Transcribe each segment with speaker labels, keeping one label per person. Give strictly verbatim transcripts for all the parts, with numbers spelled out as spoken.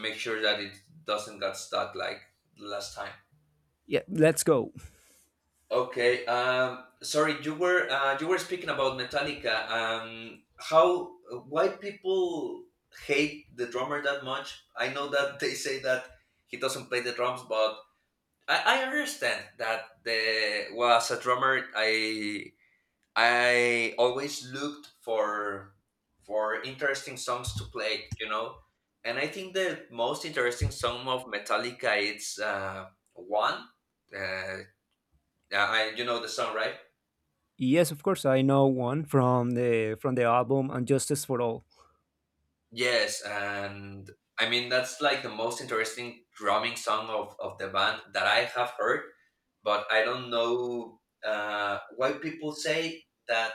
Speaker 1: Make sure that it doesn't get stuck like last time.
Speaker 2: Yeah, let's go.
Speaker 1: Okay. Um, sorry, you were uh, you were speaking about Metallica. Um, how why people hate the drummer that much? I know that they say that he doesn't play the drums, but I, I understand that the was a drummer. I I always looked for for interesting songs to play, you know. And I think the most interesting song of Metallica it's uh, one. Uh, I you know the song, right?
Speaker 2: Yes, of course, I know one from the from the album "Unjustice for All."
Speaker 1: Yes, and I mean that's like the most interesting drumming song of, of the band that I have heard, but I don't know uh, why people say that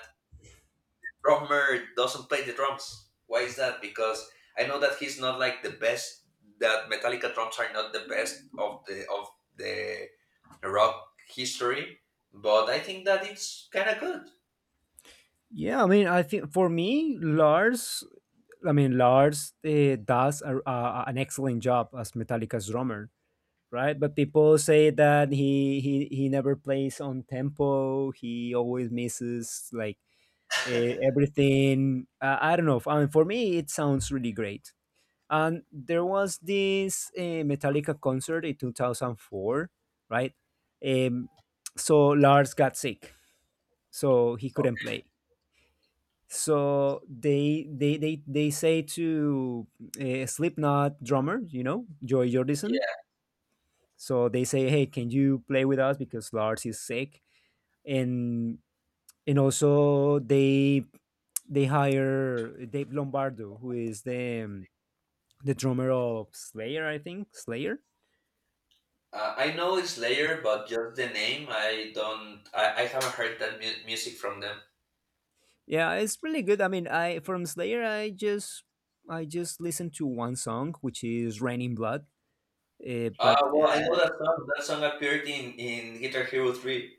Speaker 1: drummer doesn't play the drums. Why is that? Because I know that he's not like the best. That Metallica drums are not the best of the of the rock history, but I think that it's kind of good.
Speaker 2: Yeah, I mean, I think for me, Lars, I mean, Lars uh, does a, a, an excellent job as Metallica's drummer, right? But people say that he he he never plays on tempo. He always misses like uh, everything. Uh, I don't know. I mean, for me, it sounds really great. And there was this uh, Metallica concert in two thousand four, right? Um, so Lars got sick, so he couldn't play. So they they they, they say to uh, Slipknot drummer, you know, Joy Jordison.
Speaker 1: Yeah,
Speaker 2: So they say, hey, can you play with us because Lars is sick, and and also they they hire Dave Lombardo, who is the um, the drummer of Slayer, I think Slayer.
Speaker 1: uh, I know Slayer, but just the name, I don't. I, I haven't heard that mu- music from them.
Speaker 2: Yeah, it's really good. I mean, I, from Slayer, I just I just listened to one song, which is "Rain in Blood." Uh, but
Speaker 1: Uh, well, I know
Speaker 2: uh,
Speaker 1: that song. That song appeared in in Guitar Hero Three.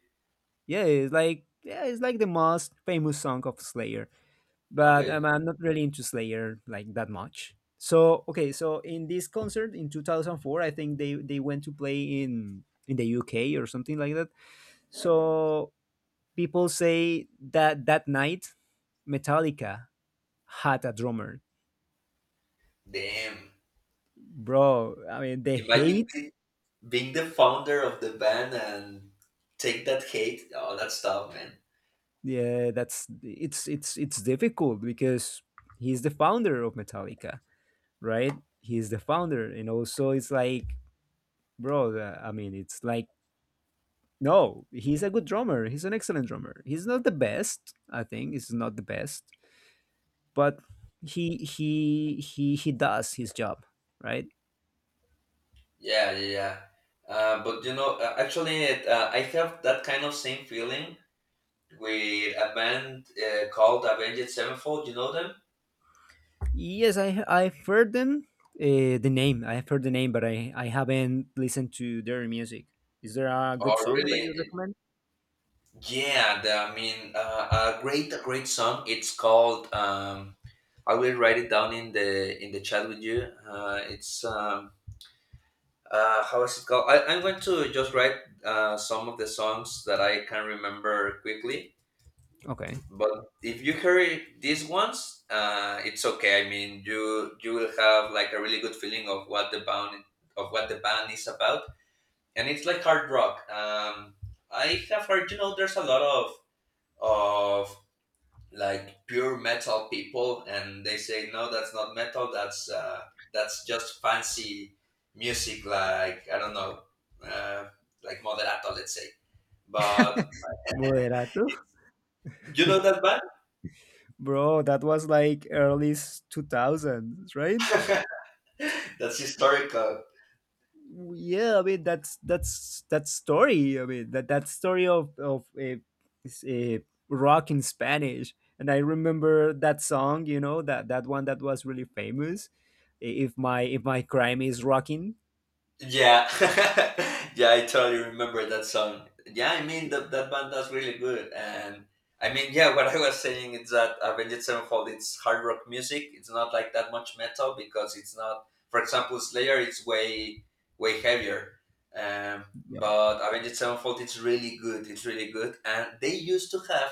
Speaker 2: yeah, it's like yeah, it's like the most famous song of Slayer. But um,
Speaker 1: Okay,
Speaker 2: I'm not really into Slayer like that much. So okay, so in this concert in two thousand four, I think they they went to play in in the U K or something like that. So people say that that night, Metallica had a drummer,
Speaker 1: damn.
Speaker 2: bro. I mean, the
Speaker 1: Imagine
Speaker 2: hate.
Speaker 1: being the founder of the band and take that hate. Oh, that's tough, man.
Speaker 2: Yeah, that's it's it's it's difficult because he's the founder of Metallica, right? He's the founder, and also it's like, bro, uh, I mean, it's like, no, he's a good drummer. He's an excellent drummer. He's not the best, I think. He's not the best, but he he he he does his job, right?
Speaker 1: Yeah, yeah, yeah. Uh, but you know, uh, actually, it, uh, I have that kind of same feeling with a band uh, called Avenged Sevenfold. You know them?
Speaker 2: Yes, I I've heard them. Uh, the name I've heard the name, but I I haven't listened to their music. Is there a good
Speaker 1: Oh,
Speaker 2: song
Speaker 1: really?
Speaker 2: that you recommend?
Speaker 1: Yeah. The, I mean, uh, a great, a great song. It's called. Um, I will write it down in the in the chat with you. Uh, it's um, uh, how is it called? I, I'm going to just write uh, some of the songs that I can remember quickly.
Speaker 2: Okay.
Speaker 1: But if you hear it- these ones, uh, it's okay. I mean, you you will have like a really good feeling of what the band of what the band is about, and it's like hard rock. Um, I have heard, you know, there's a lot of of like pure metal people and they say no that's not metal that's uh that's just fancy music like I don't know uh like moderato let's say but
Speaker 2: Moderato?
Speaker 1: you know that band.
Speaker 2: Bro, that was like early s- two thousands, right?
Speaker 1: That's historical.
Speaker 2: Yeah, I mean that's that's that story. I mean that that story of of a, is a rock in Spanish, and I remember that song. You know that that one that was really famous. I- If my if my crime is rocking.
Speaker 1: Yeah, yeah, I totally remember that song. Yeah, I mean that that band does really good, and I mean, yeah, what I was saying is that Avenged Sevenfold it's hard rock music. It's not like that much metal because it's not. For example, Slayer it's way way heavier, um,
Speaker 2: Yep.
Speaker 1: but Avenged Sevenfold it's really good. It's really good, and they used to have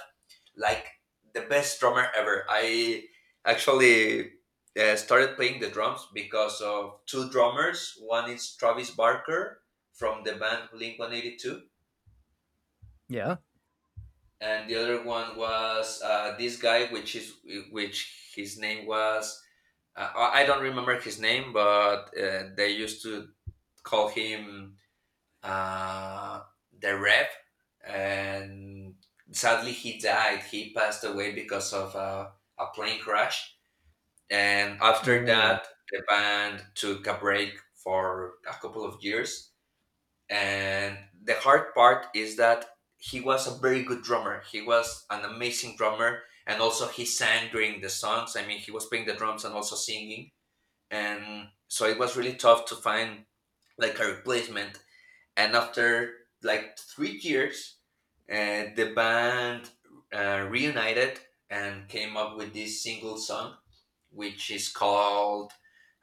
Speaker 1: like the best drummer ever. I actually uh, started playing the drums because of two drummers. One is Travis Barker from the band Blink One Eighty Two,
Speaker 2: Yeah.
Speaker 1: and the other one was uh, this guy, which is which his name was uh, I I don't remember his name, but uh, they used to call him uh, the Rev, and sadly he died. He passed away because of uh, a plane crash. And
Speaker 2: No
Speaker 1: after
Speaker 2: way.
Speaker 1: that, the band took a break for a couple of years. And the hard part is that he was a very good drummer. He was an amazing drummer. And also, he sang during the songs. I mean, he was playing the drums and also singing. And so it was really tough to find like a replacement. And after like three years, uh, the band uh, reunited and came up with this single song which is called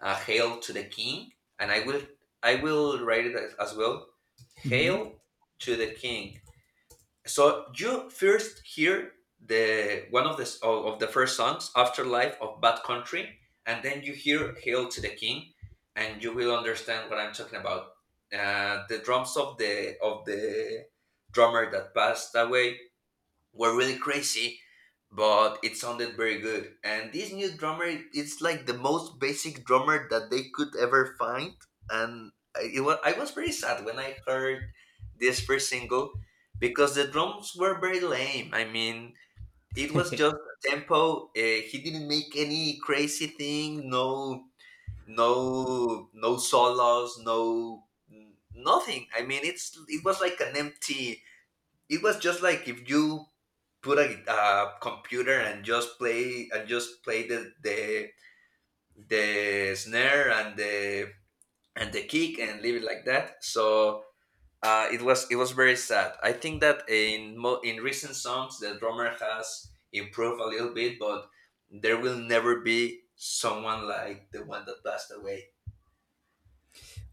Speaker 1: uh, "Hail to the King," and I will I will write it as, as well.
Speaker 2: Hmm.
Speaker 1: "Hail to the King." So you first hear the one of the s- of of the first songs, "Afterlife of Bad Country," and then you hear "Hail to the King," and you will understand what I'm talking about. Uh, the drums of the of the drummer that passed away were really crazy, but it sounded very good. And this new drummer, it's like the most basic drummer that they could ever find. And I, it was, I was pretty sad when I heard this first single because the drums were very lame. I mean, it was just tempo. Uh, he didn't make any crazy thing. No, no, no solos. No, n- nothing. I mean, it's it was like an empty it was just like if you put a, a computer and just play and just play the the the snare and the and the kick and leave it like that. So uh, it was it was very sad. I think that in mo- in recent songs the drummer has improved a little bit, but there will never be someone like the one that passed away.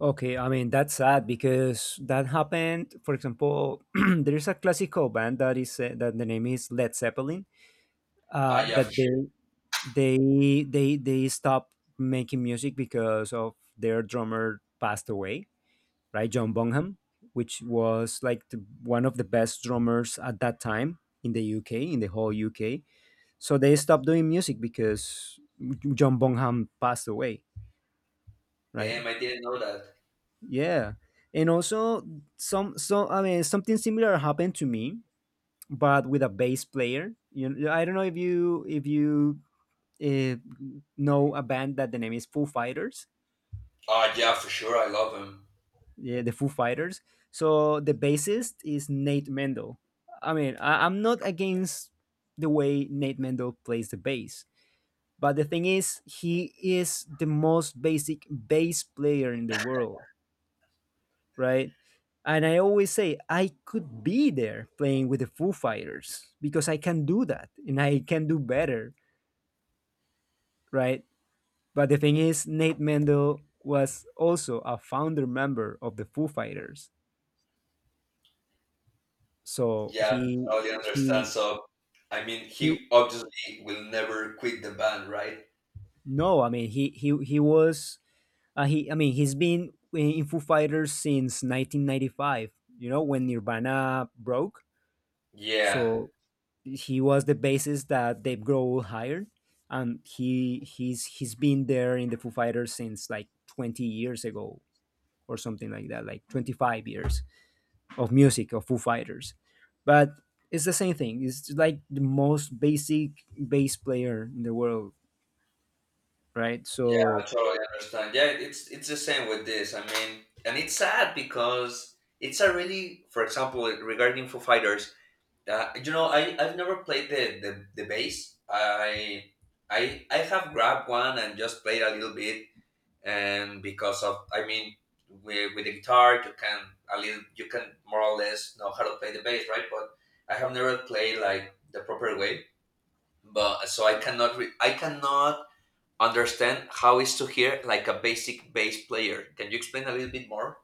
Speaker 2: Okay, I mean that's sad because that happened. For example, there is a classical band that is uh, that the name is Led Zeppelin. Uh,
Speaker 1: Ah, yeah, for
Speaker 2: that they
Speaker 1: sure.
Speaker 2: they they they stopped making music because of their drummer passed away, right? John Bonham, which was like the, one of the best drummers at that time in the uk in the whole UK. So they stopped doing music because John Bonham passed away, right?
Speaker 1: Damn, I didn't know that.
Speaker 2: Yeah, and also some so I mean, something similar happened to me, but with a bass player, you know. I don't know if you if you uh, know a band that the name is Foo Fighters.
Speaker 1: Ah, yeah, for sure. I love him.
Speaker 2: Yeah, the Foo Fighters. So the bassist is Nate Mendel. I mean, I, I'm not against the way Nate Mendel plays the bass, but the thing is, he is the most basic bass player in the world, right? And I always say I could be there playing with the Foo Fighters because I can do that and I can do better, right? But the thing is, Nate Mendel was also a founder member of the Foo Fighters, so
Speaker 1: Yeah,
Speaker 2: he
Speaker 1: totally understand.
Speaker 2: he
Speaker 1: So, I mean,
Speaker 2: You
Speaker 1: he obviously will never quit the band, right?
Speaker 2: No, I mean he he he was uh, he, I mean, he's been in Foo Fighters since nineteen ninety-five. You know when Nirvana broke,
Speaker 1: Yeah,
Speaker 2: so he was the bassist that Dave Grohl hired, and he he's he's been there in the Foo Fighters since like twenty years ago or something like that, like twenty-five years of music of Foo Fighters. But it's the same thing. It's like the most basic bass player in the world, right?
Speaker 1: yeah, I
Speaker 2: So
Speaker 1: totally understand. Yeah, it's it's the same with this. I mean, and it's sad because it's a really, for example, regarding Foo Fighters, uh, you know, I I've never played the the, the bass. I I I have grabbed one and just played a little bit, and because of I mean with, with the guitar you can a little you can more or less know how to play the bass right but I have never played like the proper way but so I cannot re- I cannot understand how is to hear like a basic bass player can you explain a little bit more.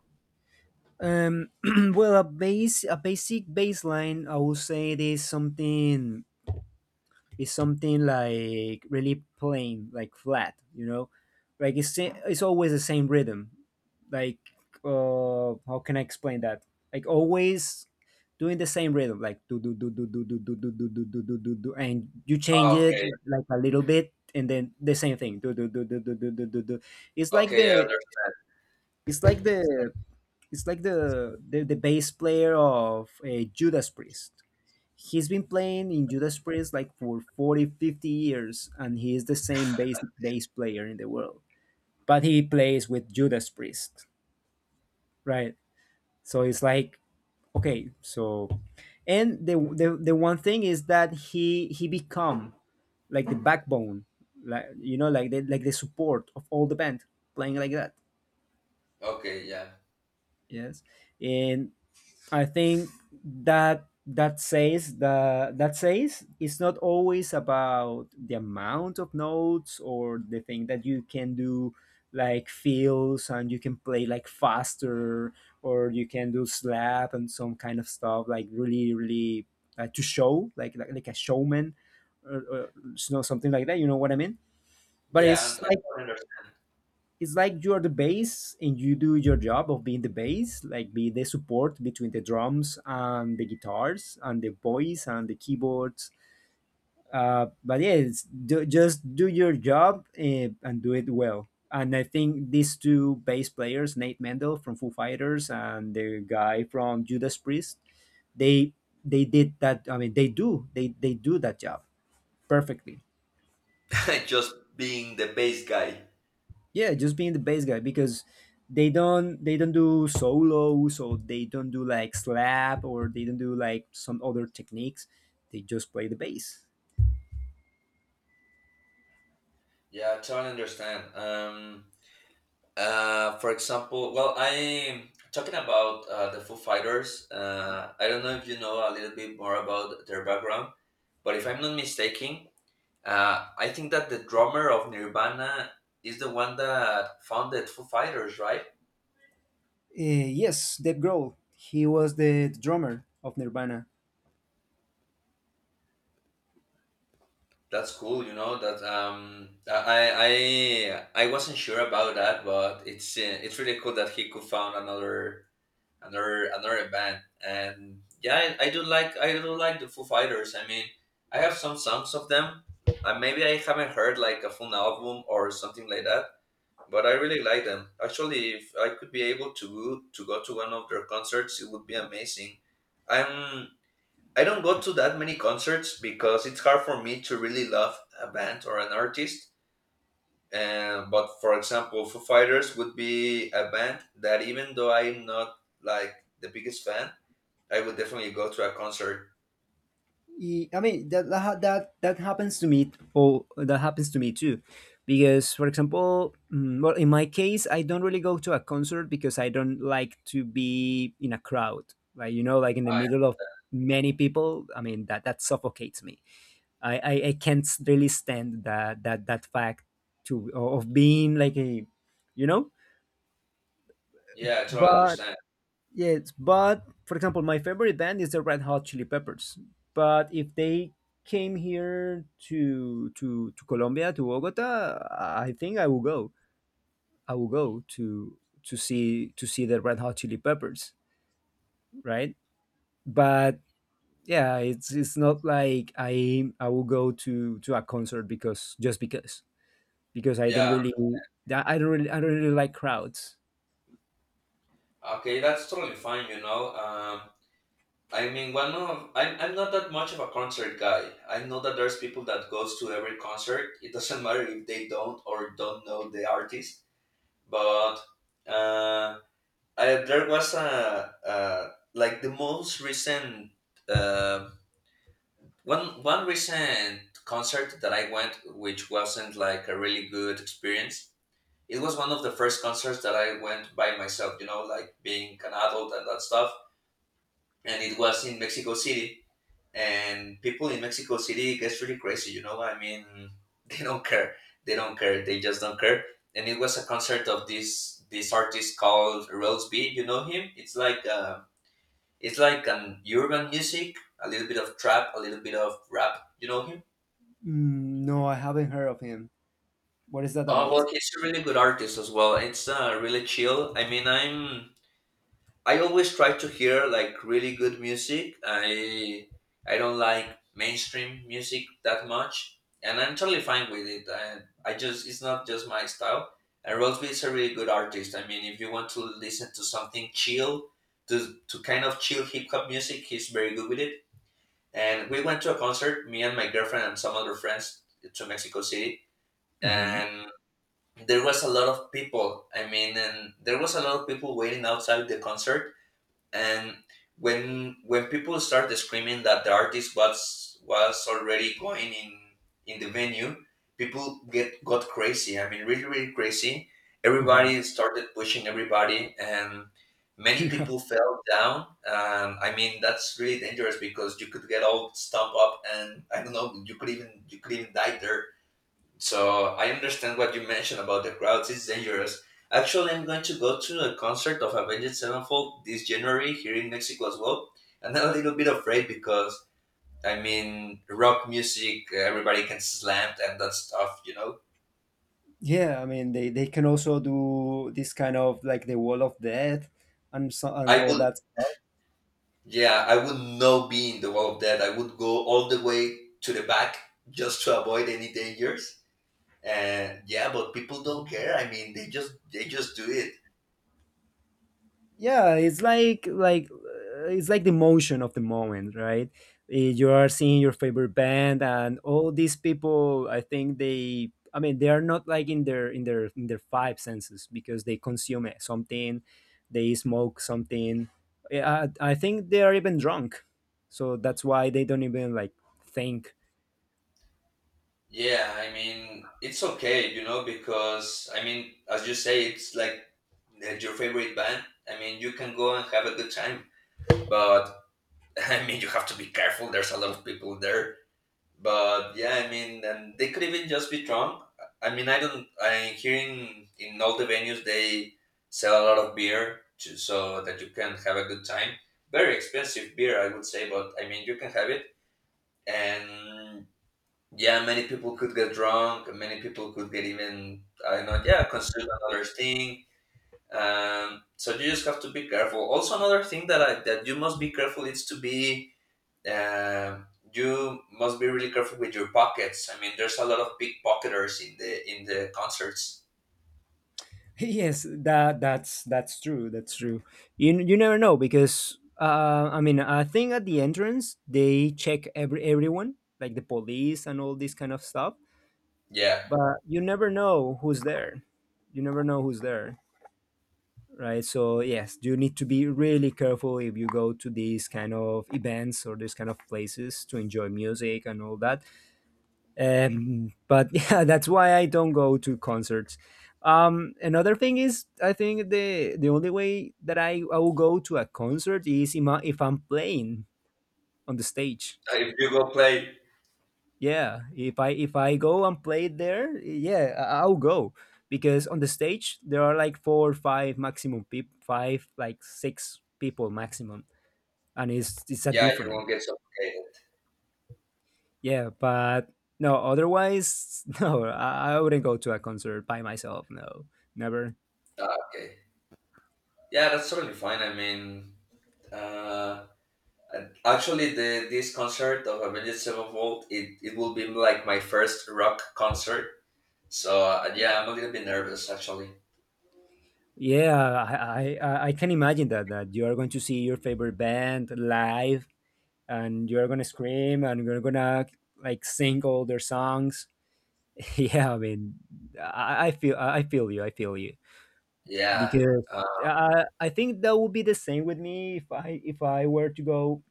Speaker 2: Um, well, a base, a basic baseline, I would say it is something is something like really plain, like flat. You know, like it's sa- it's always the same rhythm. Like, uh, how can I explain that? Like always doing the same rhythm, like do do do do do do do do do do do do do do, and you change it
Speaker 1: Okay.
Speaker 2: like a little bit, and then the same thing. Do do do do do do do do. Do. It's like
Speaker 1: Okay, I
Speaker 2: the
Speaker 1: under-
Speaker 2: it's like the it's like the, the the bass player of uh, Judas Priest. He's been playing in Judas Priest like for forty, fifty years, and he is the same bass bass player in the world. But he plays with Judas Priest, right? So it's like, okay, so and the the, the one thing is that he he become like the backbone, like you know, like the like the support of all the band playing like that.
Speaker 1: okay. Yeah.
Speaker 2: Yes, and I think that that says the that says it's not always about the amount of notes or the thing that you can do like fills, and you can play like faster, or you can do slap and some kind of stuff like really, really, uh, to show like, like like a showman, or, or you know, something like that, you know what I mean. But
Speaker 1: Yeah,
Speaker 2: it's
Speaker 1: and I
Speaker 2: like
Speaker 1: totally
Speaker 2: it's like you are the bass, and you do your job of being the bass, like be the support between the drums and the guitars and the voice and the keyboards. Uh, but yeah, it's, do, just do your job, uh, and do it well. And I think these two bass players, Nate Mendel from Foo Fighters and the guy from Judas Priest, they they did that. I mean, they do they they do that job perfectly.
Speaker 1: understand. Just being the bass guy.
Speaker 2: Yeah, just being the bass guy, because they don't they don't do solos, or they don't do like slap, or they don't do like some other techniques. They just play the bass.
Speaker 1: Yeah, I totally understand. um Uh, for example, well, I'm talking about uh, the Foo Fighters. Uh, I don't know if you know a little bit more about their background, but if I'm not mistaken, uh, I think that the drummer of Nirvana is the one that founded Foo Fighters, right?
Speaker 2: Uh, yes, Dave Grohl. He was the drummer of Nirvana.
Speaker 1: That's cool, you know. That um, I I I wasn't sure about that, but it's uh, it's really cool that he could found another another another band and yeah I, I do like I do like the foo fighters I mean I have some songs of them and maybe I haven't heard like a full album or something like that but I really like them actually if I could be able to go to go to one of their concerts it would be amazing i'm I don't go to that many concerts because it's hard for me to really love a band or an artist and but for example foo fighters would be a band that even though I'm not like the biggest fan I would definitely go to a concert.
Speaker 2: Ye- I mean that that ha- that that happens to me, or that happens to me too, because for example, mm, well, in my case, I don't really go to a concert because I don't like to be in a crowd, like you know, like in the
Speaker 1: I,
Speaker 2: middle of many people. I mean that that suffocates me. I I, I can't really stand that that that fact to of being like a, you know,
Speaker 1: yeah, I totally
Speaker 2: but.
Speaker 1: understand.
Speaker 2: Yes, but for example, my favorite band is the Red Hot Chili Peppers. But if they came here to to to Colombia, to Bogota, I think I will go. I will go to to see to see the Red Hot Chili Peppers, right? But yeah, it's it's not like I I will go to to a concert because just because because I don't
Speaker 1: Yeah,
Speaker 2: really I don't really I don't really like crowds.
Speaker 1: okay, that's totally fine, you know. Um, I mean, one of I'm, I'm not that much of a concert guy. I know that there's people that goes to every concert. It doesn't matter if they don't or don't know the artist. But uh, I, there was a, uh like the most recent uh, one one recent concert that I went, which wasn't like a really good experience it was one of the first concerts that I went by myself, you know, like being an adult and that stuff. And it was in Mexico City. And people in Mexico City gets really crazy, you know. I mean, they don't care. They don't care. They just don't care. And it was a concert of this this artist called Rose B. You know him? It's like uh, it's like an urban music, a little bit of trap, a little bit of rap. You know him?
Speaker 2: Mm, no, I haven't heard of him. What is that
Speaker 1: Oh
Speaker 2: about?
Speaker 1: well, he's a really good artist as well. It's uh, really chill. I mean, I'm I always try to hear like really good music. I I don't like mainstream music that much, and I'm totally fine with it. I, I just it's not just my style. And Rosby is a really good artist. I mean, if you want to listen to something chill, to to kind of chill hip hop music, he's very good with it. And we went to a concert, me and my girlfriend and some other friends, to Mexico City,
Speaker 2: Hmm.
Speaker 1: and there was a lot of people. I mean, and there was a lot of people waiting outside the concert and when when people started screaming that the artist was was already going in in the venue people get got crazy I mean really really crazy
Speaker 2: Hmm.
Speaker 1: everybody started pushing everybody and many people fell down um, I mean that's really dangerous because you could get all stumped up and I don't know you could even you could even die there so I understand what you mentioned about the crowds. It's dangerous. Actually, I'm going to go to a concert of Avenged Sevenfold this January here in Mexico as well, and I'm a little bit afraid because I mean rock music, everybody can slam and that stuff, you know.
Speaker 2: Yeah, I mean they, they can also do this kind of like the wall of death and so and
Speaker 1: I
Speaker 2: all
Speaker 1: would,
Speaker 2: that stuff.
Speaker 1: yeah, I would not be in the wall of death. I would go all the way to the back just to avoid any dangers. And yeah, but people don't care. I mean, they just they just do it.
Speaker 2: Yeah, it's like like uh, it's like the motion of the moment, right? Eh, You are seeing your favorite band and all these people. I think they, I mean, they are not like in their in their in their five senses because they consume it- something, they smoke something. Yeah, I, I think they are even drunk, so that's why they don't even like think.
Speaker 1: Yeah, I mean, it's okay, you know, because I mean, as you say, it's like uh, your favorite band. I mean, you can go and have a good time, but I mean, you have to be careful. There's a lot of people there, but yeah, I mean, and they could even just be drunk. I mean, I don't. I hearing in all the venues they sell a lot of beer to, so that you can have a good time. Very expensive beer, I would say, but I mean, you can have it and yeah, many people could get drunk. Many people could get even, I don't know, yeah, consume another thing. Um, so you just have to be careful. Also, another thing that I, that you must be careful is to be, um you must be really careful with your pockets. I mean, there's a lot of pickpocketers in the in the concerts.
Speaker 2: Yes, that that's that's true, that's true. You you never know because uh I mean, I think at the entrance they check every everyone, like the police and all this kind of stuff.
Speaker 1: Yeah.
Speaker 2: But you never know who's there. You never know who's there, right? So yes, you need to be really careful if you go to these kind of events or these kind of places to enjoy music and all that. um, but yeah, that's why I don't go to concerts. um another thing is, I think the the only way that i, I will go to a concert is if I- if i'm playing on the stage.
Speaker 1: Uh, if you go play,
Speaker 2: Yeah, if i if i go and play there, yeah, I- i'll go, because on the stage there are like four five maximum people, five like six people maximum, and it's it's a
Speaker 1: yeah, you
Speaker 2: different.
Speaker 1: won't get suffocated.
Speaker 2: Yeah, but no, otherwise, no, I, I wouldn't go to a concert by myself. No, never.
Speaker 1: Ah, okay, yeah, that's totally fine. I mean, uh, and actually, the this concert of Avenged Sevenfold, it, it will be like my first rock concert. So uh, yeah, I'm a little bit nervous actually.
Speaker 2: Yeah, I, I, I can imagine that, that you are going to see your favorite band live, and you're going to scream, and you're going to like sing all their songs. Yeah, I mean, I, I feel I feel you. I feel you
Speaker 1: Yeah,
Speaker 2: because
Speaker 1: uh,
Speaker 2: I, I think that would be the same with me if I if I were to go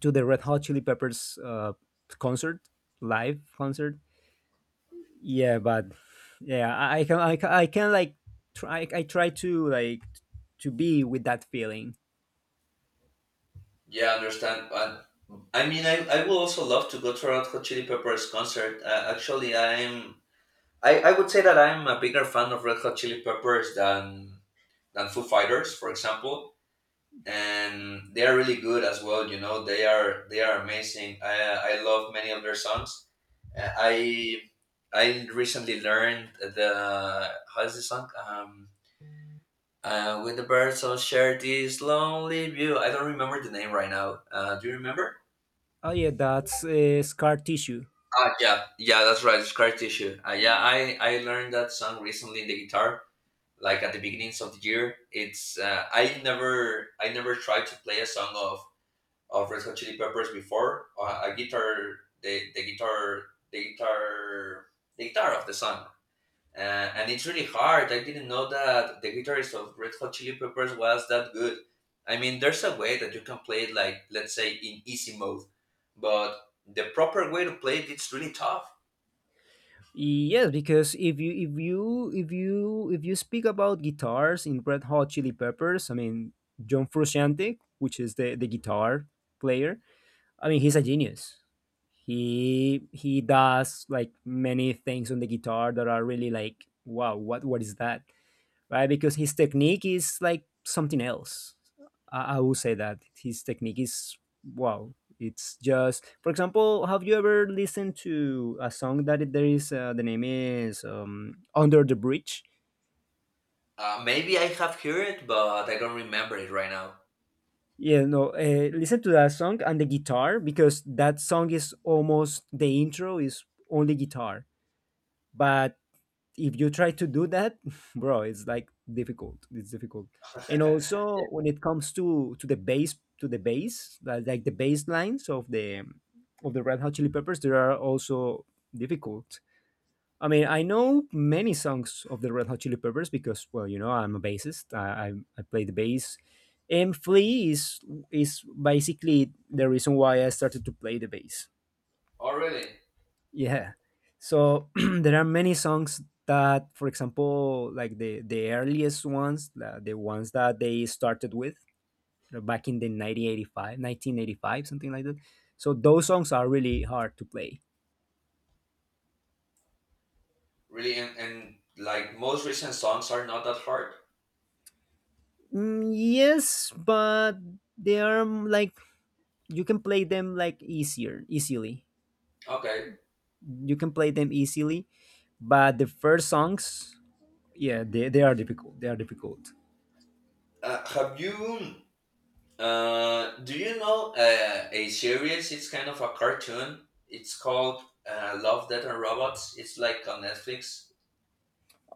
Speaker 2: to the Red Hot Chili Peppers uh, concert live concert. Yeah, but yeah, i, I can I, can- I can like try i try to like to be with that feeling.
Speaker 1: yeah, I understand. And I mean, I, I would also love to go to Red Hot Chili Peppers concert. Uh, actually, I'm I, I would say that I'm a bigger fan of Red Hot Chili Peppers than than Foo Fighters, for example. And they are really good as well. You know, they are they are amazing. I I love many of their songs. Uh, I I recently learned the how's the song? Um, uh, when the birds all share this lonely view. I don't remember the name right now. Uh, do you remember?
Speaker 2: Oh yeah, that's uh, Scar Tissue.
Speaker 1: Ah, yeah, yeah, that's right. It's scar tissue. Uh, yeah, I I learned that song recently in the guitar, like at the beginnings of the year. It's uh, I never I never tried to play a song of of Red Hot Chili Peppers before. Uh, a guitar the the guitar the guitar the guitar of the song Uh, and it's really hard. I didn't know that the guitarist of Red Hot Chili Peppers was that good. I mean, there's a way that you can play it, like let's say in easy mode, but the proper way to play it, it's really tough.
Speaker 2: Yes, because if you if you if you if you speak about guitars in Red Hot Chili Peppers, I mean, John Frusciante, which is the the guitar player, I mean, he's a genius. He he does like many things on the guitar that are really like, wow, what what is that, right? Because his technique is like something else. I, I will say that his technique is, wow. It's just, for example, have you ever listened to a song that it- there is, uh, the name is, um, Under the Bridge?
Speaker 1: Uh, maybe I have heard it, but I don't remember it right now.
Speaker 2: Yeah, no. Uh, listen to that song and the guitar, because that song is almost, the intro is only guitar, but if you try to do that, bro, it's like difficult. It's difficult. And
Speaker 1: Yeah.
Speaker 2: also, when it comes to to the bass, to the bass, like, like the bass lines of the of the Red Hot Chili Peppers, they are also difficult. I mean, I know many songs of the Red Hot Chili Peppers because, well, you know I'm a bassist, i i, I play the bass. And Flea is is basically the reason why I started to play the bass.
Speaker 1: Oh, really?
Speaker 2: Yeah. So there are many songs that, for example, like the the earliest ones, the, the ones that they started with, uh, back in the nineteen eighty five, nineteen eighty five, something like that. So those songs are really hard to play.
Speaker 1: Really? And, and like most recent songs are not that hard.
Speaker 2: Mm, yes, but they are, mm, like, you can play them like easier, easily.
Speaker 1: Okay.
Speaker 2: You can play them easily, but the first songs, yeah, they, they are difficult. They are difficult.
Speaker 1: Uh, have you? Uh, do you know uh, a series? It's kind of a cartoon. It's called uh, Love, Death and Robots. It's like on Netflix.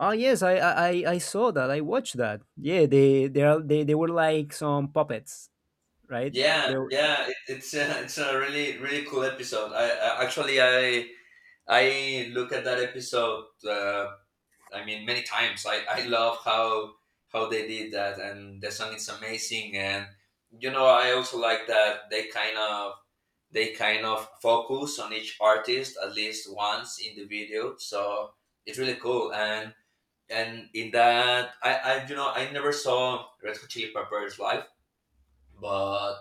Speaker 2: Oh yes, I, I I I saw that. I watched that. Yeah, they they are they, they were like some puppets, right?
Speaker 1: Yeah,
Speaker 2: They were,
Speaker 1: yeah. It, it's a, it's a really really cool episode. I, I actually I I look at that episode uh, I mean, many times. I, I love how how they did that, and the song is amazing. And you know, I also like that they kind of they kind of focus on each artist at least once in the video. So it's really cool. And and in that, I, I you know I never saw Red Hot Chili Peppers live, but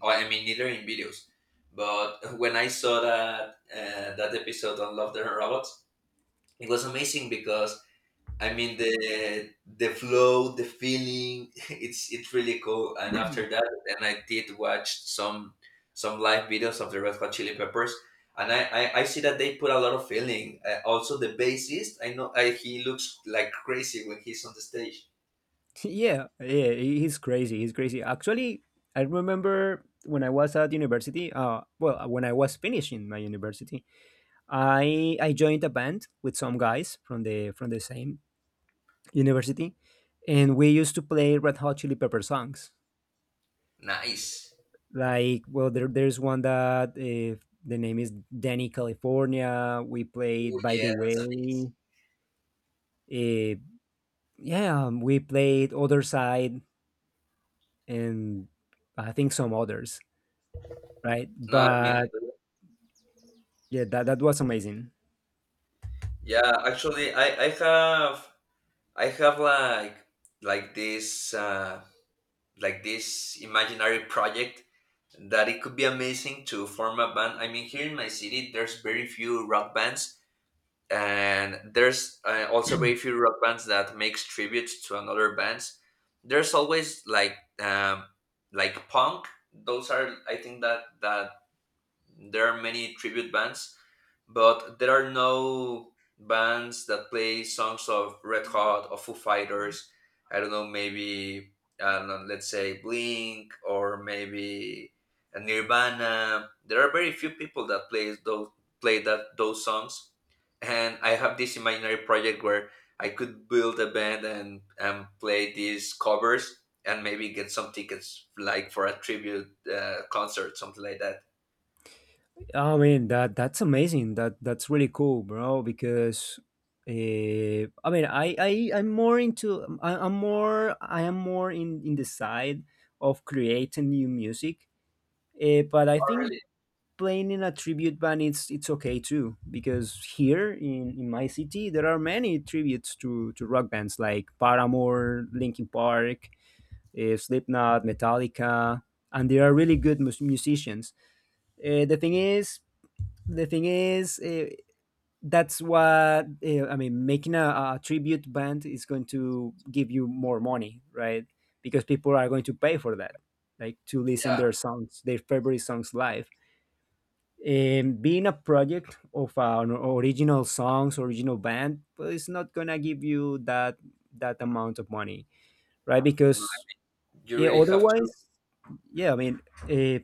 Speaker 1: or, I mean neither in videos. But when I saw that uh, that episode on Love the Robots, it was amazing because I mean the the flow, the feeling. It's it's really cool. And after that, and I did watch some some live videos of the Red Hot Chili Peppers, and I I, I see that they put a lot of feeling. Uh, also, the bassist, I know I, he looks like crazy when he's on the stage.
Speaker 2: yeah, yeah. he- He's crazy. He's crazy. Actually, I remember when I was at university. Uh, well, uh, when I was finishing my university, I I joined a band with some guys from the from the same university, and we used to play Red Hot Chili Pepper songs.
Speaker 1: Nice.
Speaker 2: Like, well, there, there's one that, uh, the name is Danny California, we
Speaker 1: Oh
Speaker 2: played, by
Speaker 1: yeah,
Speaker 2: the way.
Speaker 1: that's amazing.
Speaker 2: uh, yeah, um, we played Other Side, and I think some others, right?
Speaker 1: No, I mean,
Speaker 2: But yeah, that, that was amazing.
Speaker 1: yeah. Actually, I I have I have like like this uh, like this imaginary project that it could be amazing to form a band. I mean, here in my city, there's very few rock bands, and there's uh, also very few rock bands that makes tributes to another bands. There's always like um, like punk. Those are I think that that there are many tribute bands, but there are no bands that play songs of Red Hot or Foo Fighters. I don't know, maybe I don't know, let's say Blink or maybe Nirvana. There are very few people that plays those play that those songs, and I have this imaginary project where I could build a band and and play these covers and maybe get some tickets like for a tribute uh, concert, something like that.
Speaker 2: I mean, that that's amazing, that that's really cool, bro, because uh, I mean, I, I I'm more into I, I'm more I am more in in the side of creating new music, uh, but I
Speaker 1: Oh,
Speaker 2: think
Speaker 1: really?
Speaker 2: playing in a tribute band, it's it's okay too, because here in, in my city there are many tributes to, to rock bands like Paramore, Linkin Park, uh, Slipknot, Metallica, and they are really good mus- musicians. Uh, the thing is, the thing is, uh, that's what, uh, I mean. Making a, a tribute band is going to give you more money, right? Because people are going to pay for that, like to listen
Speaker 1: Yeah,
Speaker 2: their songs, their favorite songs live. um, being a project of an original songs original band, well, it's not gonna give you that, that amount of money, right?
Speaker 1: no,
Speaker 2: Because
Speaker 1: you
Speaker 2: yeah.
Speaker 1: really have to.
Speaker 2: Otherwise, yeah, I mean, uh,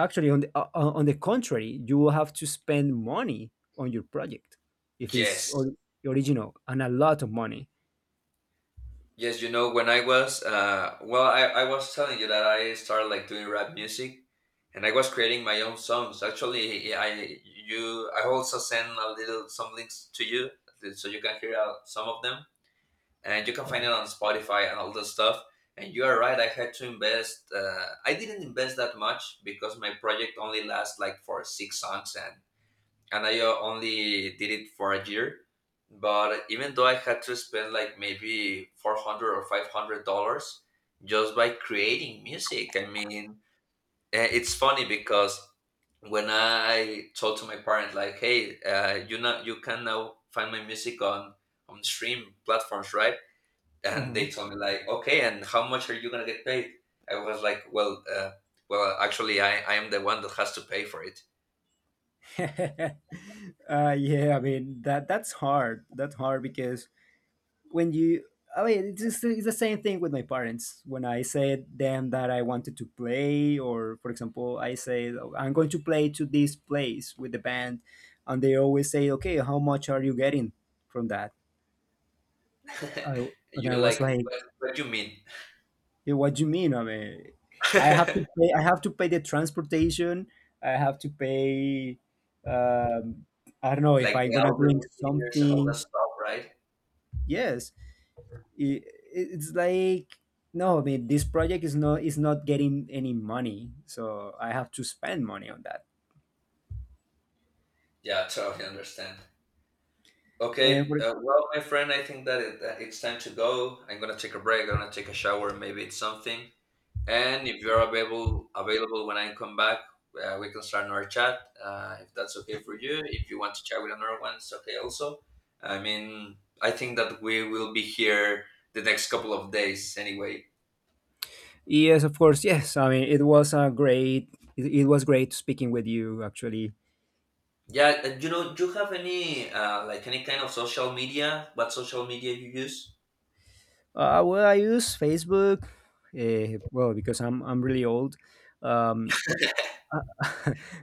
Speaker 2: actually, on the uh, uh, on the contrary, you will have to spend money on your project if it's
Speaker 1: Yes,
Speaker 2: or- original. And a lot of money.
Speaker 1: yes. You know, when I was, uh, well, I, I was telling you that I started like doing rap music, and I was creating my own songs. Actually, I you I also send a little some links to you so you can hear out some of them, and you can find it on Spotify and all this stuff. And you are right. I had to invest. Uh, I didn't invest that much because my project only lasts like for six songs, and. And I uh, only did it for a year. But even though I had to spend like maybe four hundred or five hundred dollars just by creating music, I mean, eh, it's funny because when I told to my parents like, "Hey, uh, you know, you can now find my music on on stream platforms, right?" And
Speaker 2: Uh-huh.
Speaker 1: they told me like, "Okay, and how much are you gonna get paid?" I was like, "Well, uh, well, actually, I I am the one that has to pay for it."
Speaker 2: uh, yeah, I mean, that that's hard, that's hard, because when you, I mean, it's, just, it's the same thing with my parents. When I said them that I wanted to play, or for example, I say, I'm going to play to this place with the band, and they always say, "Okay, how much are you getting from that?" I, and I
Speaker 1: You're
Speaker 2: was
Speaker 1: like,
Speaker 2: like,
Speaker 1: what, what do you mean?
Speaker 2: "Yeah, what do you mean? I mean, I have to pay. I have to pay the transportation. I have to pay. Um, I don't know if
Speaker 1: Like
Speaker 2: I'm
Speaker 1: the
Speaker 2: gonna
Speaker 1: audio
Speaker 2: drink
Speaker 1: engineers and all that
Speaker 2: something."
Speaker 1: stuff, right?
Speaker 2: Yes, i- it's like, no, I mean, this project is not, is not getting any money, so I have to spend money on that.
Speaker 1: Yeah, totally understand.
Speaker 2: And
Speaker 1: Okay,
Speaker 2: for,
Speaker 1: uh, well, my friend, I think that it, that it's time to go. I'm gonna take a break. I'm gonna take a shower. Maybe it's something. And if you're available, available when I come back, uh, we can start another chat. Uh, if that's okay for you, if you want to chat with another one, it's okay. Also, I mean, I think that we will be here the next couple of days anyway.
Speaker 2: yes, of course. Yes, I mean, it was a great it, it was great speaking with you, actually.
Speaker 1: Yeah, uh, you know, do you have any uh, like any kind of social media? What social media you use?
Speaker 2: uh, well, I use Facebook. uh, well, because i'm i'm really old. um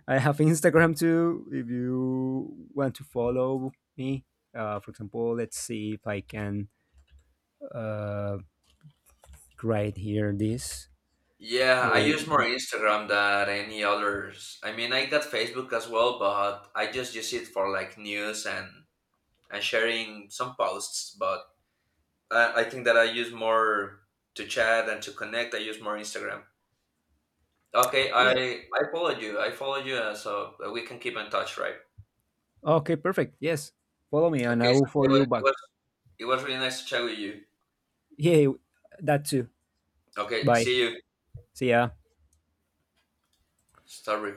Speaker 2: I have Instagram too if you want to follow me. uh, for example, let's see if I can uh, write here this.
Speaker 1: Yeah,
Speaker 2: Eh,
Speaker 1: I use more Instagram than any others. I mean, I got Facebook as well, but I just use it for like news and and sharing some posts. But I, I think that I use more to chat and to connect. I use more Instagram. Okay, I
Speaker 2: Yeah.
Speaker 1: I follow you. I follow you, uh, so we can keep in touch, right?
Speaker 2: Okay, perfect. Yes. Follow me and I
Speaker 1: Okay, so
Speaker 2: will
Speaker 1: it
Speaker 2: follow
Speaker 1: was
Speaker 2: you
Speaker 1: it
Speaker 2: back.
Speaker 1: was, it was really nice to chat with you.
Speaker 2: Yeah, that too.
Speaker 1: Okay,
Speaker 2: Bye.
Speaker 1: see you.
Speaker 2: See ya.
Speaker 1: Start recording.